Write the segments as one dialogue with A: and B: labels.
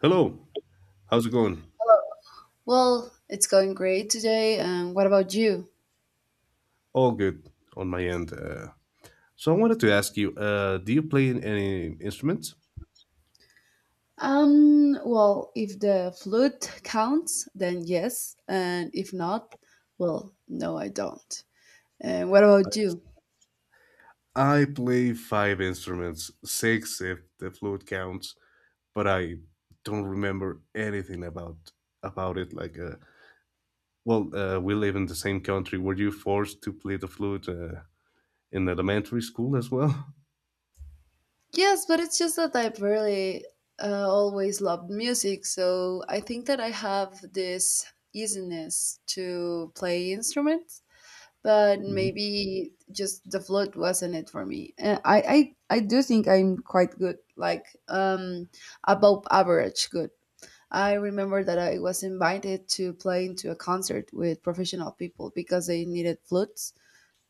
A: Hello, how's it going?
B: Hello. Well, it's going great today. And what about you?
A: All good on my end. So I wanted to ask you, do you play any instruments?
B: Well, if the flute counts, then yes. And if not, well, no, I don't. And what about you?
A: I play five instruments, six if the flute counts, but I don't remember anything about it. We live in the same country. Were you forced to play the flute in elementary school as well?
B: Yes, but it's just that I've really always loved music. So I think that I have this easiness to play instruments. But
A: Mhm.
B: maybe just the float wasn't it for me. I do think I'm quite good, like above average good. I remember that I was invited to play into a concert with professional people because they needed flutes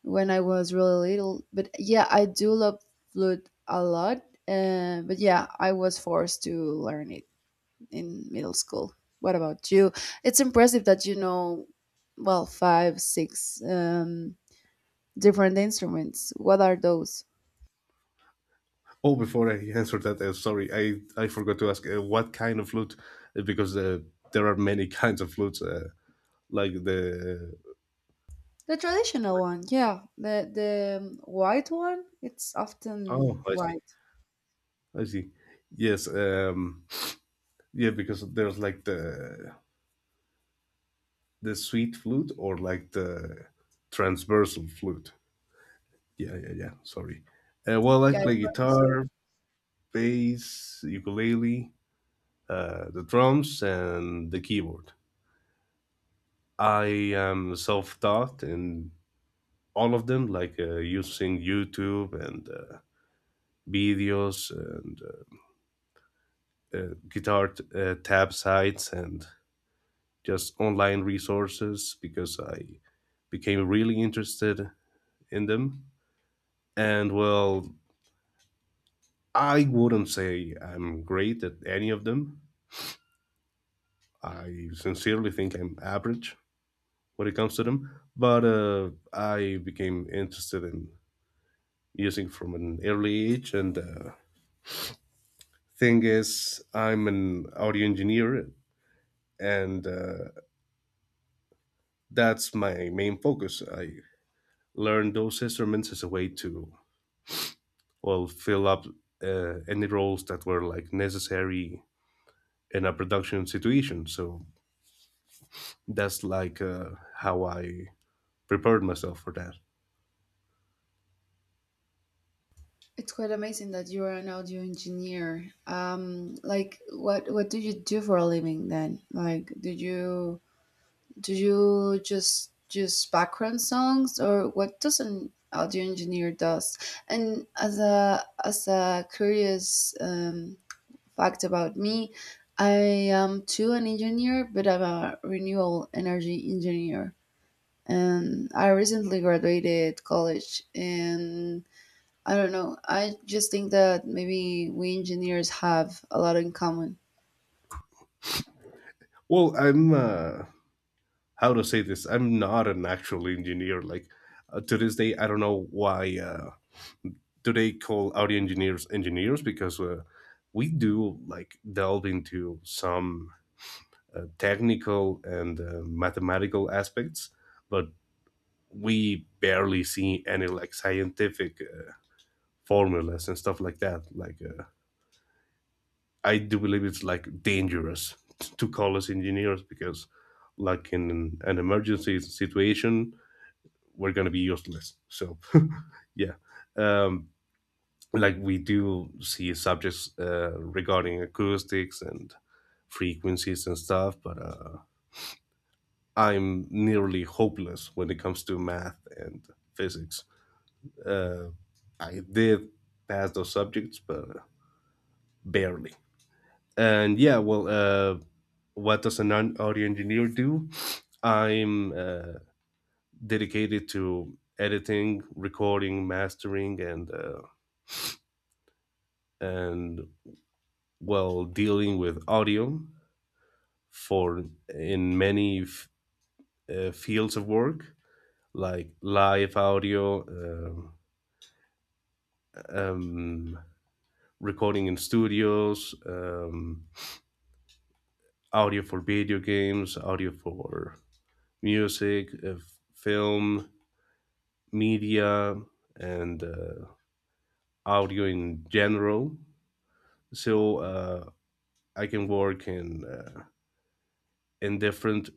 B: when I was really little. But yeah, I do love flute a lot. But yeah, I was forced to learn it in middle school. What about you? It's impressive that, well, five, six, different instruments. What are those?
A: Oh, before I answer that, sorry, I forgot to ask what kind of flute, because there are many kinds of flutes. Like the—
B: The traditional one, yeah. The white one, it's often
A: Oh, I see.
B: white.
A: I see. Yes. Yeah, because there's like the sweet flute or like the transversal flute. Yeah, yeah, yeah. Sorry. I
B: Yeah,
A: play guitar, bass, ukulele, the drums, and the keyboard. I am self-taught in all of them, like using YouTube and videos and guitar tab sites and just online resources because I became really interested in them. And well, I wouldn't say I'm great at any of them. I sincerely think I'm average when it comes to them. But I became interested in using from an early age. And thing is, I'm an audio engineer, and that's my main focus. I learned those instruments as a way to well fill up any roles that were like necessary in a production situation, so that's like how I prepared myself for that.
B: it's quite amazing that you are an audio engineer. Like, what do you do for a living then? Like, do you just background songs, or what does an audio engineer does? And as a curious, fact about me, I am too an engineer, but I'm a renewable energy engineer. And I recently graduated college, and I don't know, I just think that maybe we engineers have a lot in common.
A: Well i'm uh, how to say this, I'm not an actual engineer. To this day I don't know why do they call audio engineers engineers, because we do like delve into some technical and mathematical aspects, but we barely see any like scientific formulas and stuff like that. I do believe it's like dangerous to call us engineers, because like in an emergency situation we're gonna be useless. So yeah, um, like we do see subjects regarding acoustics and frequencies and stuff, but I'm nearly hopeless when it comes to math and physics. Uh, I did pass those subjects, but barely. And yeah, well, what does an audio engineer do? I'm dedicated to editing, recording, mastering, and and well, dealing with audio for in many fields of work, like live audio, um, recording in studios. Audio for video games, audio for music, film, media, and audio in general. So I can work in different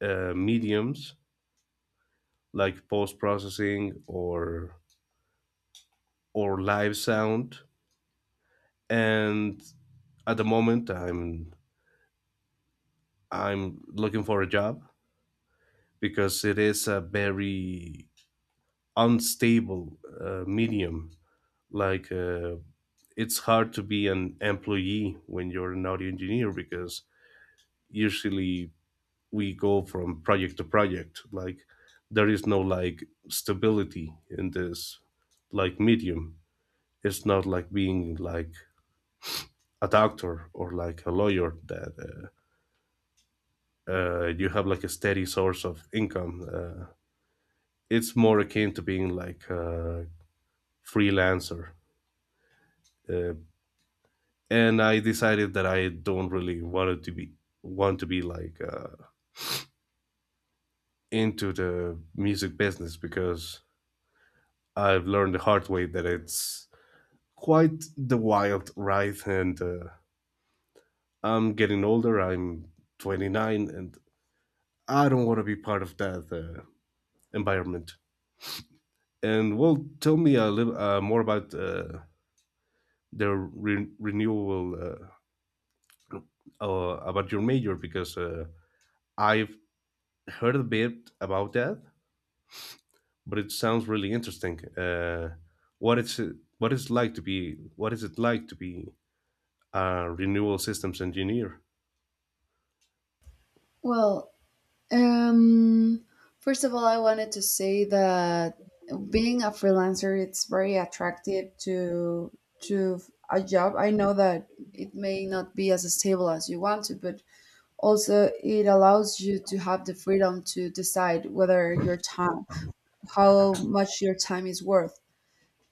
A: mediums like post processing or live sound. And at the moment, I'm looking for a job because it is a very unstable medium. Like uh, it's hard to be an employee when you're an audio engineer because usually we go from project to project. Like there is no like stability in this like medium. It's not like being like a doctor or like a lawyer that you have like a steady source of income. It's more akin to being like a freelancer. uh, and I decided that I don't really wanted to be want to be like into the music business because I've learned the hard way that it's quite the wild ride. And I'm getting older, I'm 29, and I don't want to be part of that environment. And well, tell me a little more about the re- renewal about your major, because I've heard a bit about that, but it sounds really interesting. What is it? What is like to be? What is it like to be a renewal systems engineer?
B: Well, um, first of all, I wanted to say that being a freelancer, it's very attractive to, to a job. I know that it may not be as stable as you want to, but also, it allows you to have the freedom to decide whether your time, how much your time is worth.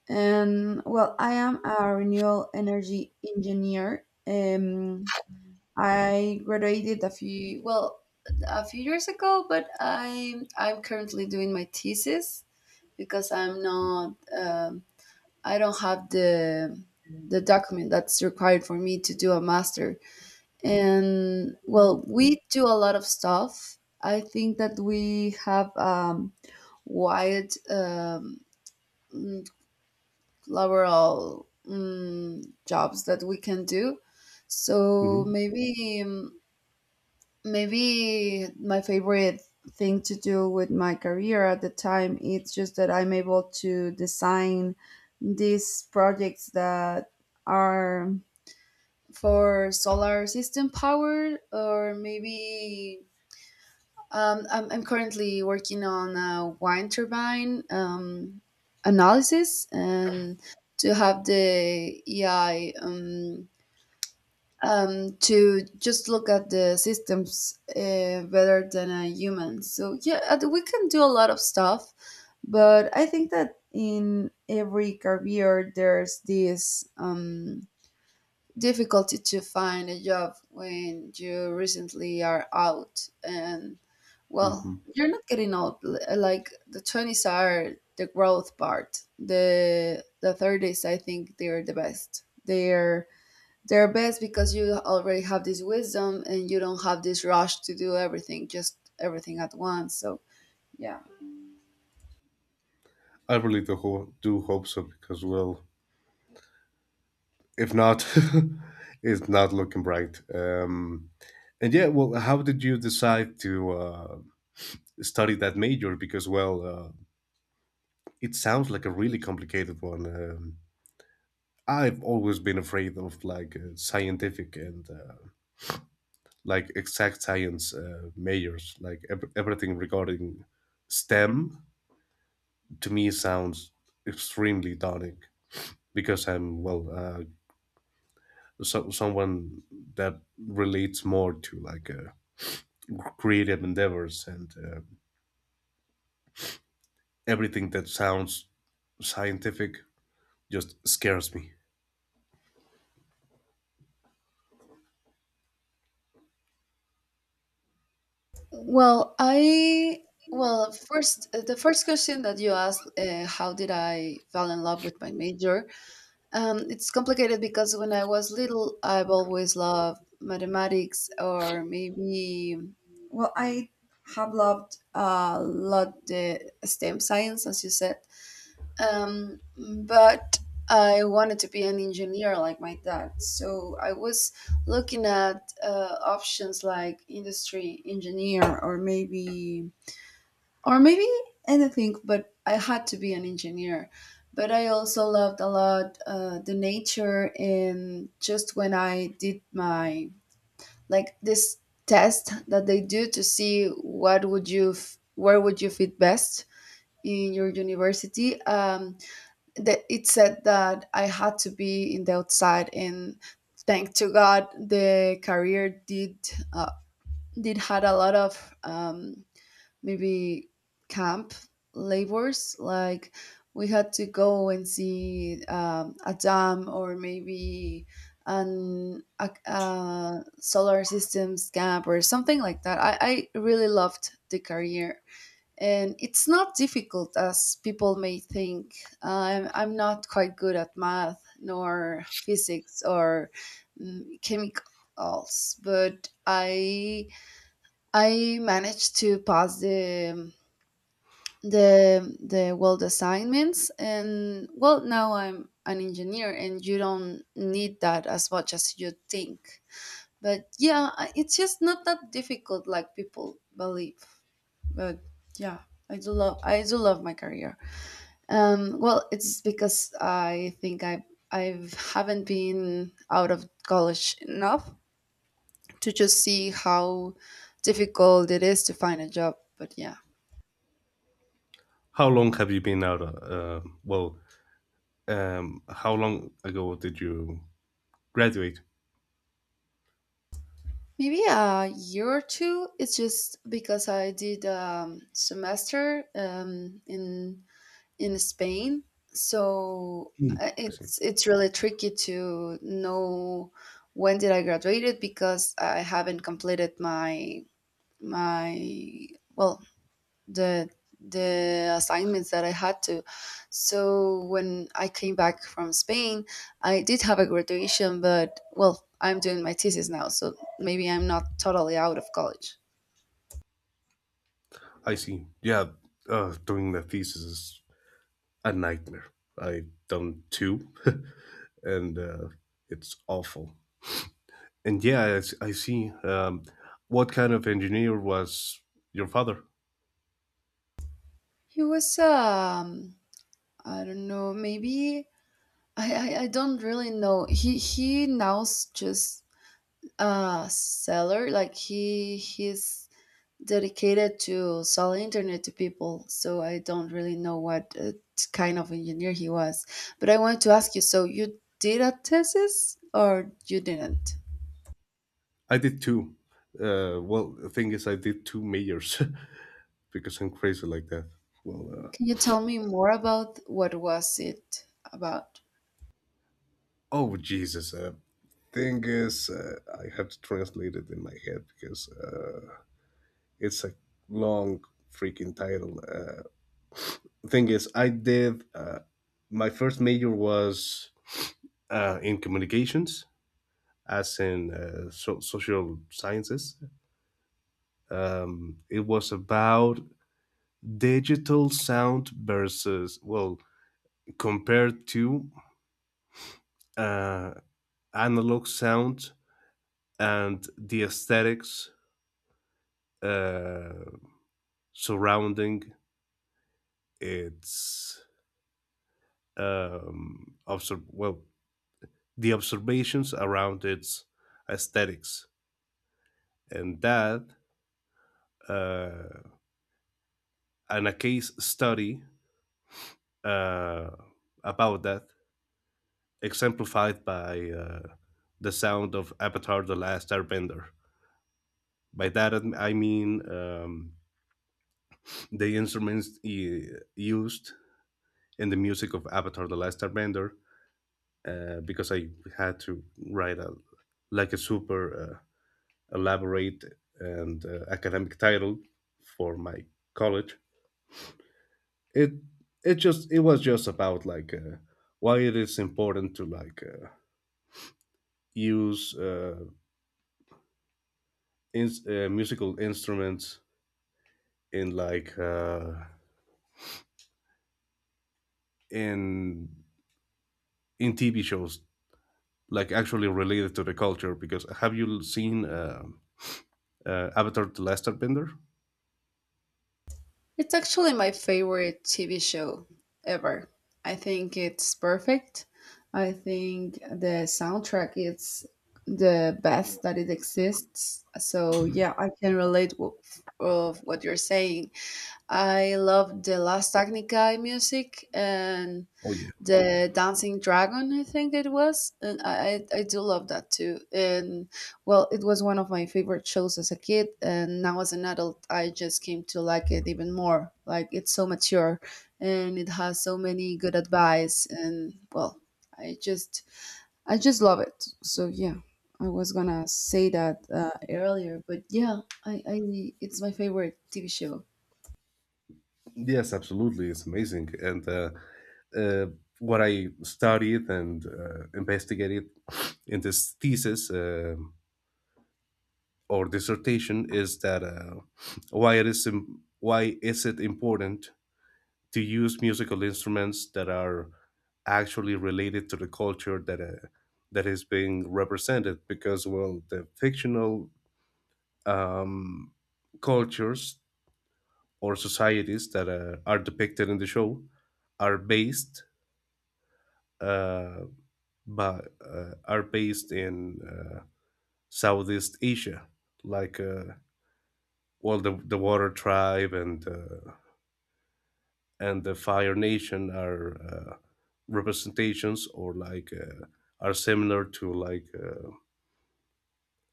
B: And well, I am a renewable energy engineer. I graduated a few, well, a few years ago, but I'm currently doing my thesis because I'm not, I don't have the, document that's required for me to do a master. And well, we do a lot of stuff. I think that we have, wide, mm, laboral, jobs that we can do. So
A: Mm-hmm.
B: maybe my favorite thing to do with my career at the time, it's just that I'm able to design these projects that are for solar system power. Or maybe, I'm currently working on a wind turbine analysis, and to have the EI, to just look at the systems better than a human. So, yeah, we can do a lot of stuff, but I think that in every career there's this. Difficulty to find a job when you recently are out. And well,
A: Mm-hmm.
B: you're not getting old. Like, the 20s are the growth part, the 30s, I think they're the best. They're best because you already have this wisdom and you don't have this rush to do everything, just everything at once. So yeah.
A: I really do, do hope so, because, well, if not, it's not looking bright. And yeah, well, how did you decide to study that major? Because, well, it sounds like a really complicated one. I've always been afraid of like scientific and like exact science majors, like everything regarding STEM. To me, sounds extremely daunting, because I'm well, someone that relates more to like creative endeavors, and everything that sounds scientific just scares me.
B: Well, I, well, first the first question that you asked, how did I fall in love with my major? It's complicated because when I was little, I've always loved mathematics, or maybe, well, I have loved a lot the STEM science, as you said. But I wanted to be an engineer like my dad. So I was looking at, options like industry engineer, or maybe anything, but I had to be an engineer. But I also loved a lot, the nature. And just when I did my, like, this test that they do to see what would you where would you fit best in your university, that it said that I had to be in the outside. And thank to God, the career uh, did had a lot of, maybe, camp labors. Like, we had to go and see, a dam, or maybe a solar systems camp, or something like that. I really loved the career, and it's not difficult as people may think. I'm not quite good at math nor physics or, chemicals, but I managed to pass the, the world assignments. And well, now I'm an engineer, and you don't need that as much as you think. But yeah, it's just not that difficult, like people believe. But yeah, I do love my career. Well, it's because I think I haven't been out of college enough to just see how difficult it is to find a job, but yeah.
A: How long have you been out? How long ago did you graduate?
B: Maybe a year or two. It's just because I did a semester, in Spain, so
A: Mm. I see.
B: it's really tricky to know when did I graduated because I haven't completed my, my well, the, assignments that I had to. So when I came back from Spain, I did have a graduation, but well, I'm doing my thesis now, so maybe I'm not totally out of college.
A: I see. Yeah, doing the thesis is a nightmare. I done two, and it's awful. And yeah, I see. What kind of engineer was your father?
B: He was, I don't know, maybe I don't really know. He now's just a seller, like he's dedicated to sell internet to people. So I don't really know what, kind of engineer he was. But I wanted to ask you, so you did a thesis or you didn't?
A: I did two. Well, the thing is, I did two majors because I'm crazy like that. Well,
B: Can
A: uh,
B: you tell me more about what was it about?
A: oh Jesus. Thing is, I have to translate it in my head because it's a long freaking title. Thing is, I did. My first major was in communications, as in social sciences. It was about digital sound versus, well, compared to uh, analog sound and the aesthetics uh, surrounding its well, the observations around its aesthetics. And that, uh, and a case study uh, about that exemplified by the sound of Avatar: The Last Airbender. By that, I mean the instruments used in the music of Avatar: The Last Airbender, because I had to write a like a super elaborate and academic title for my college. It it was just about like why it is important to like use musical instruments in in in TV shows, like actually related to the culture. Because have you seen Avatar: The Last Airbender?
B: It's actually my favorite TV show ever. I think it's perfect. I think the soundtrack is the best that it exists. So yeah, I can relate with, of what you're saying. I love the Last Technica music and
A: Oh yeah,
B: the Dancing Dragon, I think it was. And I do love that too. And well, it was one of my favorite shows as a kid. And now as an adult, I just came to like it even more. Like, it's so mature, and it has so many good advice. And well, I just, I just love it. So yeah, I was gonna say that, earlier, but yeah, it's my favorite TV show.
A: yes, absolutely, it's amazing. And uh, what I studied and investigated in this thesis or dissertation is that why is it important to use musical instruments that are actually related to the culture that that is being represented, because well the fictional um, cultures or societies that are depicted in the show are based uh, but are based in Southeast Asia, like well the water tribe and the Fire Nation are representations or like are similar to like uh,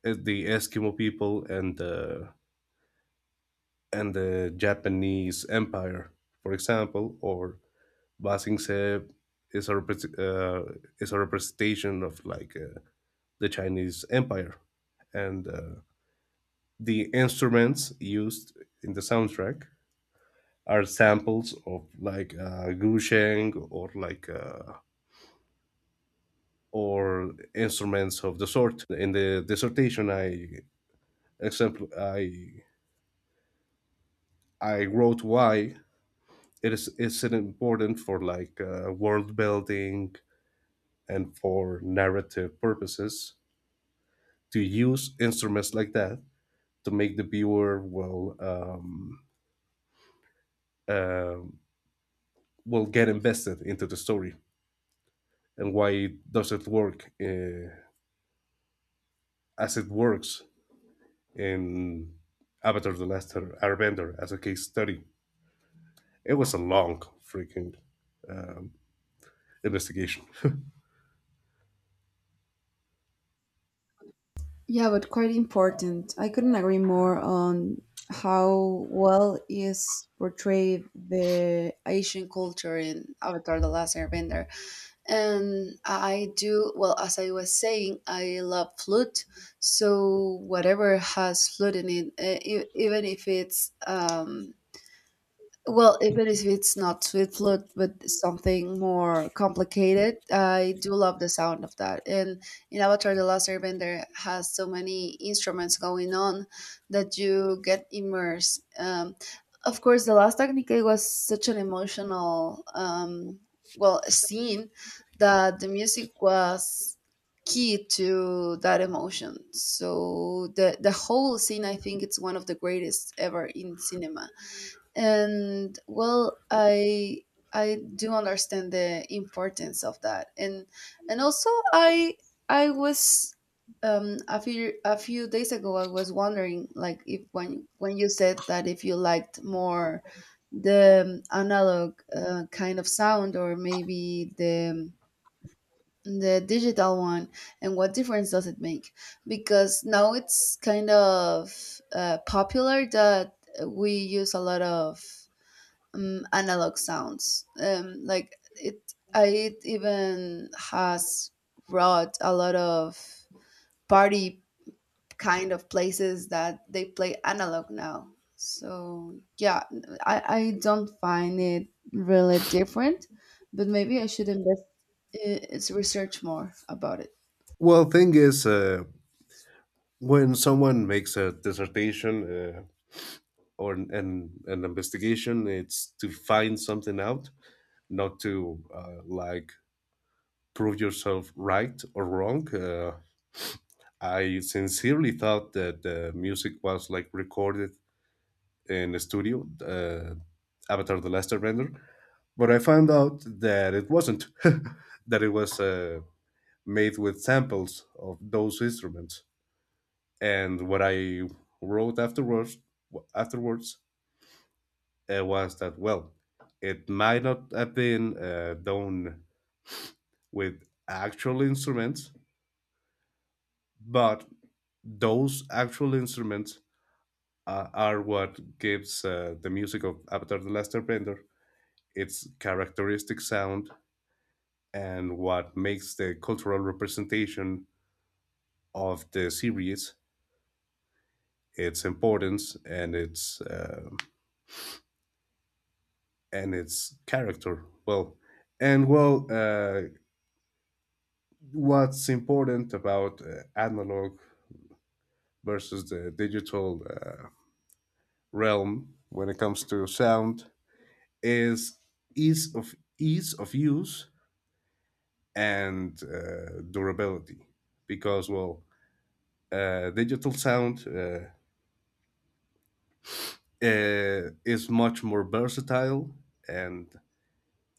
A: es- the Eskimo people and the Japanese Empire, for example, or Basing is a is a representation of like the Chinese Empire, and the instruments used in the soundtrack are samples of like gusheng or like or instruments of the sort. In the dissertation, example I I wrote why it is it important for like world building and for narrative purposes to use instruments like that, to make the viewer uh, will get invested into the story, and why does it work as it works in Avatar: The Last Airbender as a case study. It was a long freaking um, investigation.
B: Yeah, but quite important. I couldn't agree more on how well is portrayed the Asian culture in Avatar: The Last Airbender. And I do, well, as I was saying, I love flute. So whatever has flute in it, even if it's, well, even if it's not sweet flute, but something more complicated, I do love the sound of that. And in Avatar: The Last Airbender has so many instruments going on that you get immersed. Of course, the last Technique was such an emotional, well, scene, that the music was key to that emotion. So the whole scene, I think, it's one of the greatest ever in cinema. And well, I do understand the importance of that. And also, I was, a few days ago I was wondering, like, if when you said that, if you liked more the, analog, kind of sound, or maybe the digital one, and what difference does it make? Because now it's kind of, popular that we use a lot of, analog sounds. Like, it, I, it even has brought a lot of party kind of places that they play analog now. So yeah, I don't find it really different, but maybe I should invest its research more about it.
A: Well, thing is, when someone makes a dissertation or an investigation, it's to find something out, not to like prove yourself right or wrong. I sincerely thought that the music was like recorded in a studio, Avatar: The Last Airbender, but I found out that it wasn't. That it was made with samples of those instruments. And what I wrote afterwards was that well, it might not have been done with actual instruments, but those actual instruments are what gives the music of Avatar: The Last Airbender its characteristic sound, and what makes the cultural representation of the series its importance and its character. Well, what's important about analog versus the digital realm when it comes to sound is ease of use and durability, because well, digital sound is much more versatile and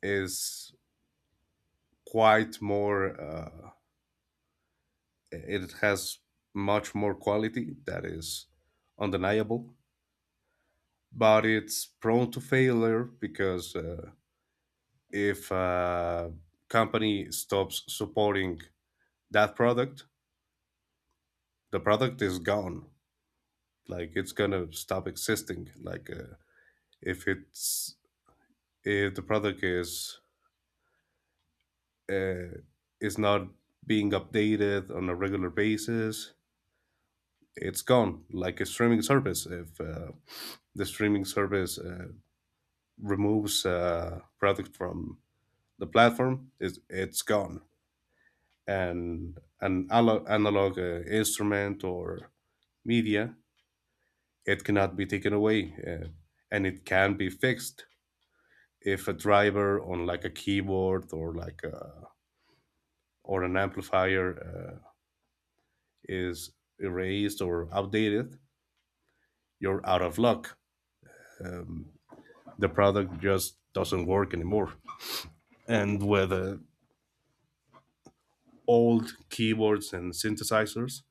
A: is quite more. It has much more quality, that is undeniable, but it's prone to failure because if a company stops supporting that product, the product is gone. Like it's gonna stop existing. If it's if the product uh, is not being updated on a regular basis, it's gone. Like a streaming service, if the streaming service removes a product from the platform, it's gone. And an analog instrument or media, it cannot be taken away, and it can be fixed if a driver on like a keyboard or like a, or an amplifier is erased or outdated. You're out of luck. The product just doesn't work anymore. And with old keyboards and synthesizers,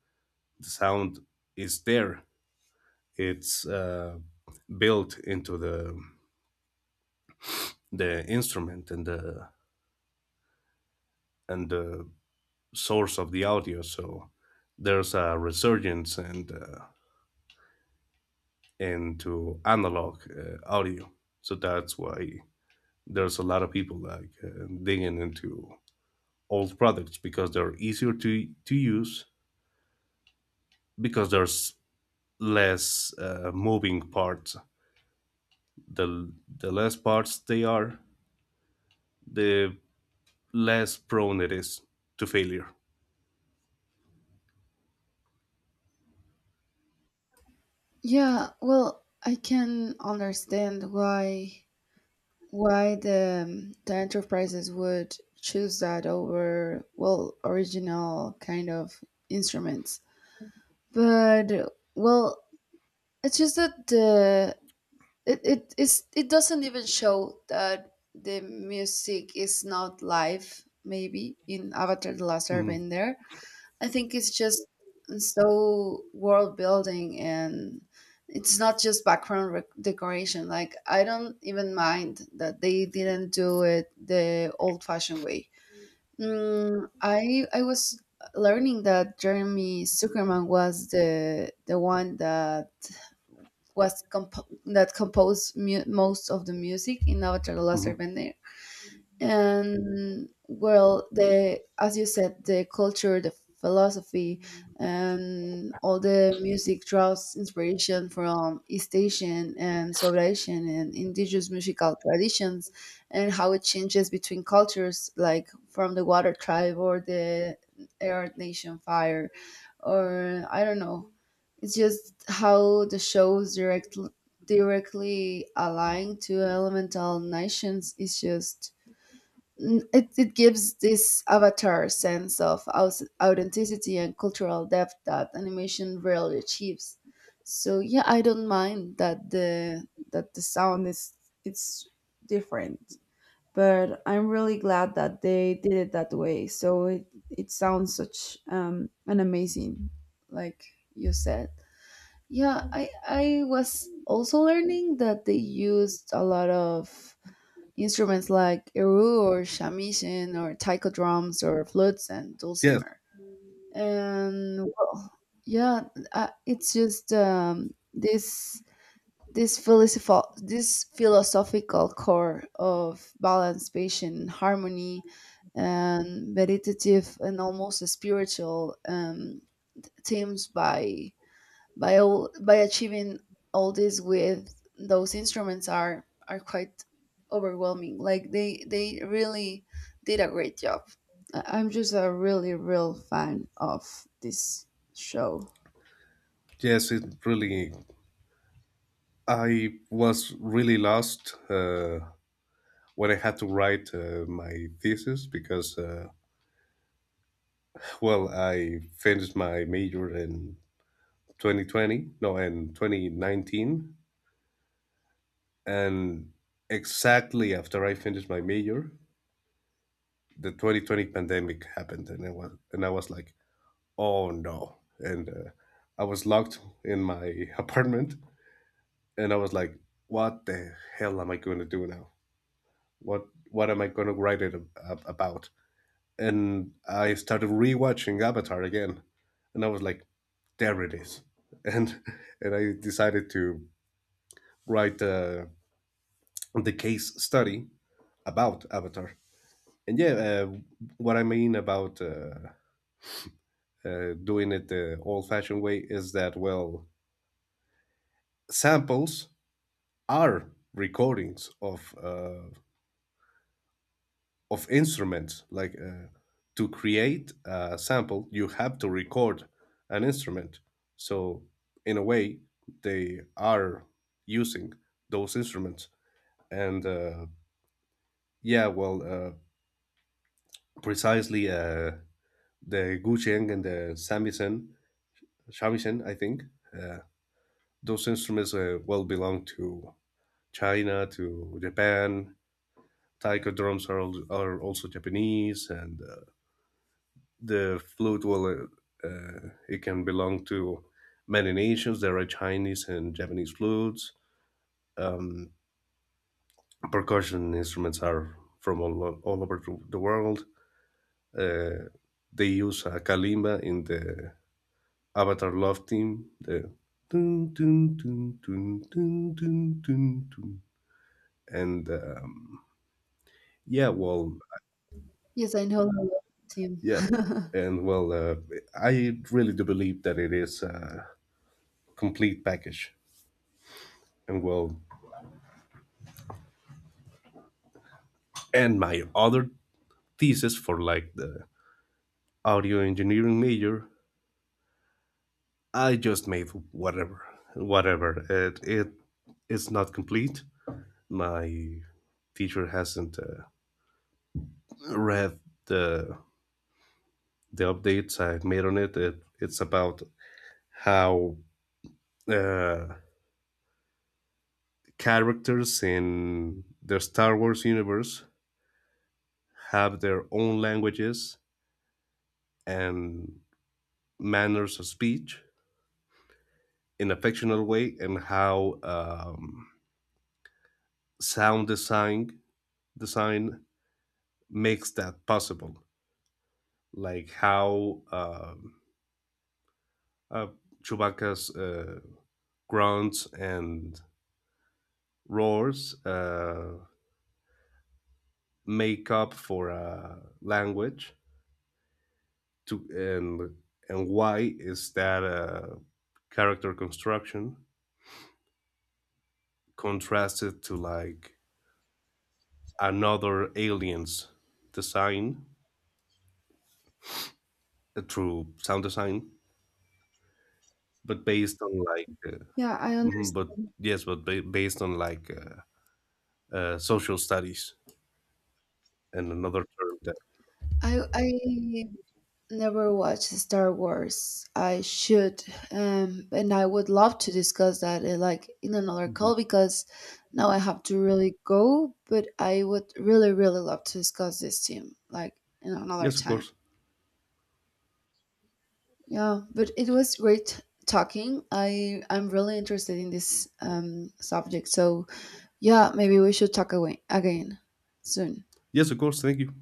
A: the sound is there. It's built into the instrument and the source of the audio. So there's a resurgence and into analog audio. So that's why there's a lot of people like digging into old products because they're easier to use, because there's less moving parts. The the less parts they are, the less prone it is to failure.
B: Yeah, well, I can understand why the, the enterprises would choose that over, well, original kind of instruments. But well, it's just that the it it it's, it doesn't even show that the music is not live, maybe in Avatar: The Last
A: Mm,
B: Airbender. I think it's just so world building, and it's not just background rec decoration. Like, I don't even mind that they didn't do it the old fashioned way. Mm, I was learning that Jeremy Zuckerman was the one that that composed most of the music in Avatar: The Last
A: mhm.
B: Airbender. And well, the, as you said, the culture, the philosophy, and all the music draws inspiration from East Asian and South Asian and indigenous musical traditions. And how it changes between cultures, like from the Water Tribe or the Air Nation, Fire, or I don't know. It's just how the shows directly align to elemental nations. It's just N- It gives this avatar sense of authenticity and cultural depth that animation rarely achieves. So yeah, I don't mind that the sound is, it's different, but I'm really glad that they did it that way. So it sounds such, an amazing, like you said. Yeah, I was also learning that they used a lot of instruments like erhu, or shamisen, or taiko drums, or flutes and
A: Yes,
B: dulcimer. And well, yeah, it's just, this philosophical core of balance, patience, harmony, and meditative and almost spiritual, themes by, by achieving all this with those instruments are quite overwhelming. Like, they really did a great job. I'm just a really real fan of this show.
A: yes, it really. I was really lost when I had to write my thesis because, well, I finished my major in 2020, no, in 2019, and exactly after I finished my major, the 2020 pandemic happened, and I was like, oh no, and I was locked in my apartment and I was like, "What the hell am I going to do now? What am I going to write it about?" And I started rewatching Avatar again, and I was like, "There it is," and and I decided to write the case study about Avatar. And yeah, what I mean about doing it the old-fashioned way is that well, samples are recordings of instruments, like to create a sample you have to record an instrument, so in a way they are using those instruments. And yeah well uh, precisely the gucheng and the samisen shamisen I think, uh, those instruments well belong to China, to Japan. Taiko drums are, are also Japanese, and the flute will; it can belong to many nations. There are Chinese and Japanese flutes. Percussion instruments are from all over the world. uh, they use a kalimba in the Avatar love theme, the dun, dun, dun, dun, dun, dun, dun, dun. And yeah well
B: Yes, I know the team.
A: yeah. And well, I really do believe that it is a complete package. And well, and my other thesis for like the audio engineering major, I just made whatever, whatever. It it's not complete. My teacher hasn't read the the updates I've made on it. It's about how uh, characters in the Star Wars universe have their own languages and manners of speech in a fictional way, and how sound design design makes that possible, like how uh, Chewbacca's grunts and roars make up for language. To and why is that character construction contrasted to like another alien's design through sound design but based on like,
B: Yeah, I
A: mhm, but
B: understand.
A: yes, but based on like. Social studies and another term that.
B: I never watched Star Wars. I should, and I would love to discuss that, like, in another
A: Mhm.
B: call, because now I have to really go. But I would really, really love to discuss this team, like, in another
A: Yes, of
B: time.
A: course.
B: Yeah, but it was great talking. I'm really interested in this, subject. So yeah, maybe we should talk away again soon.
A: Yes, of course. Thank you.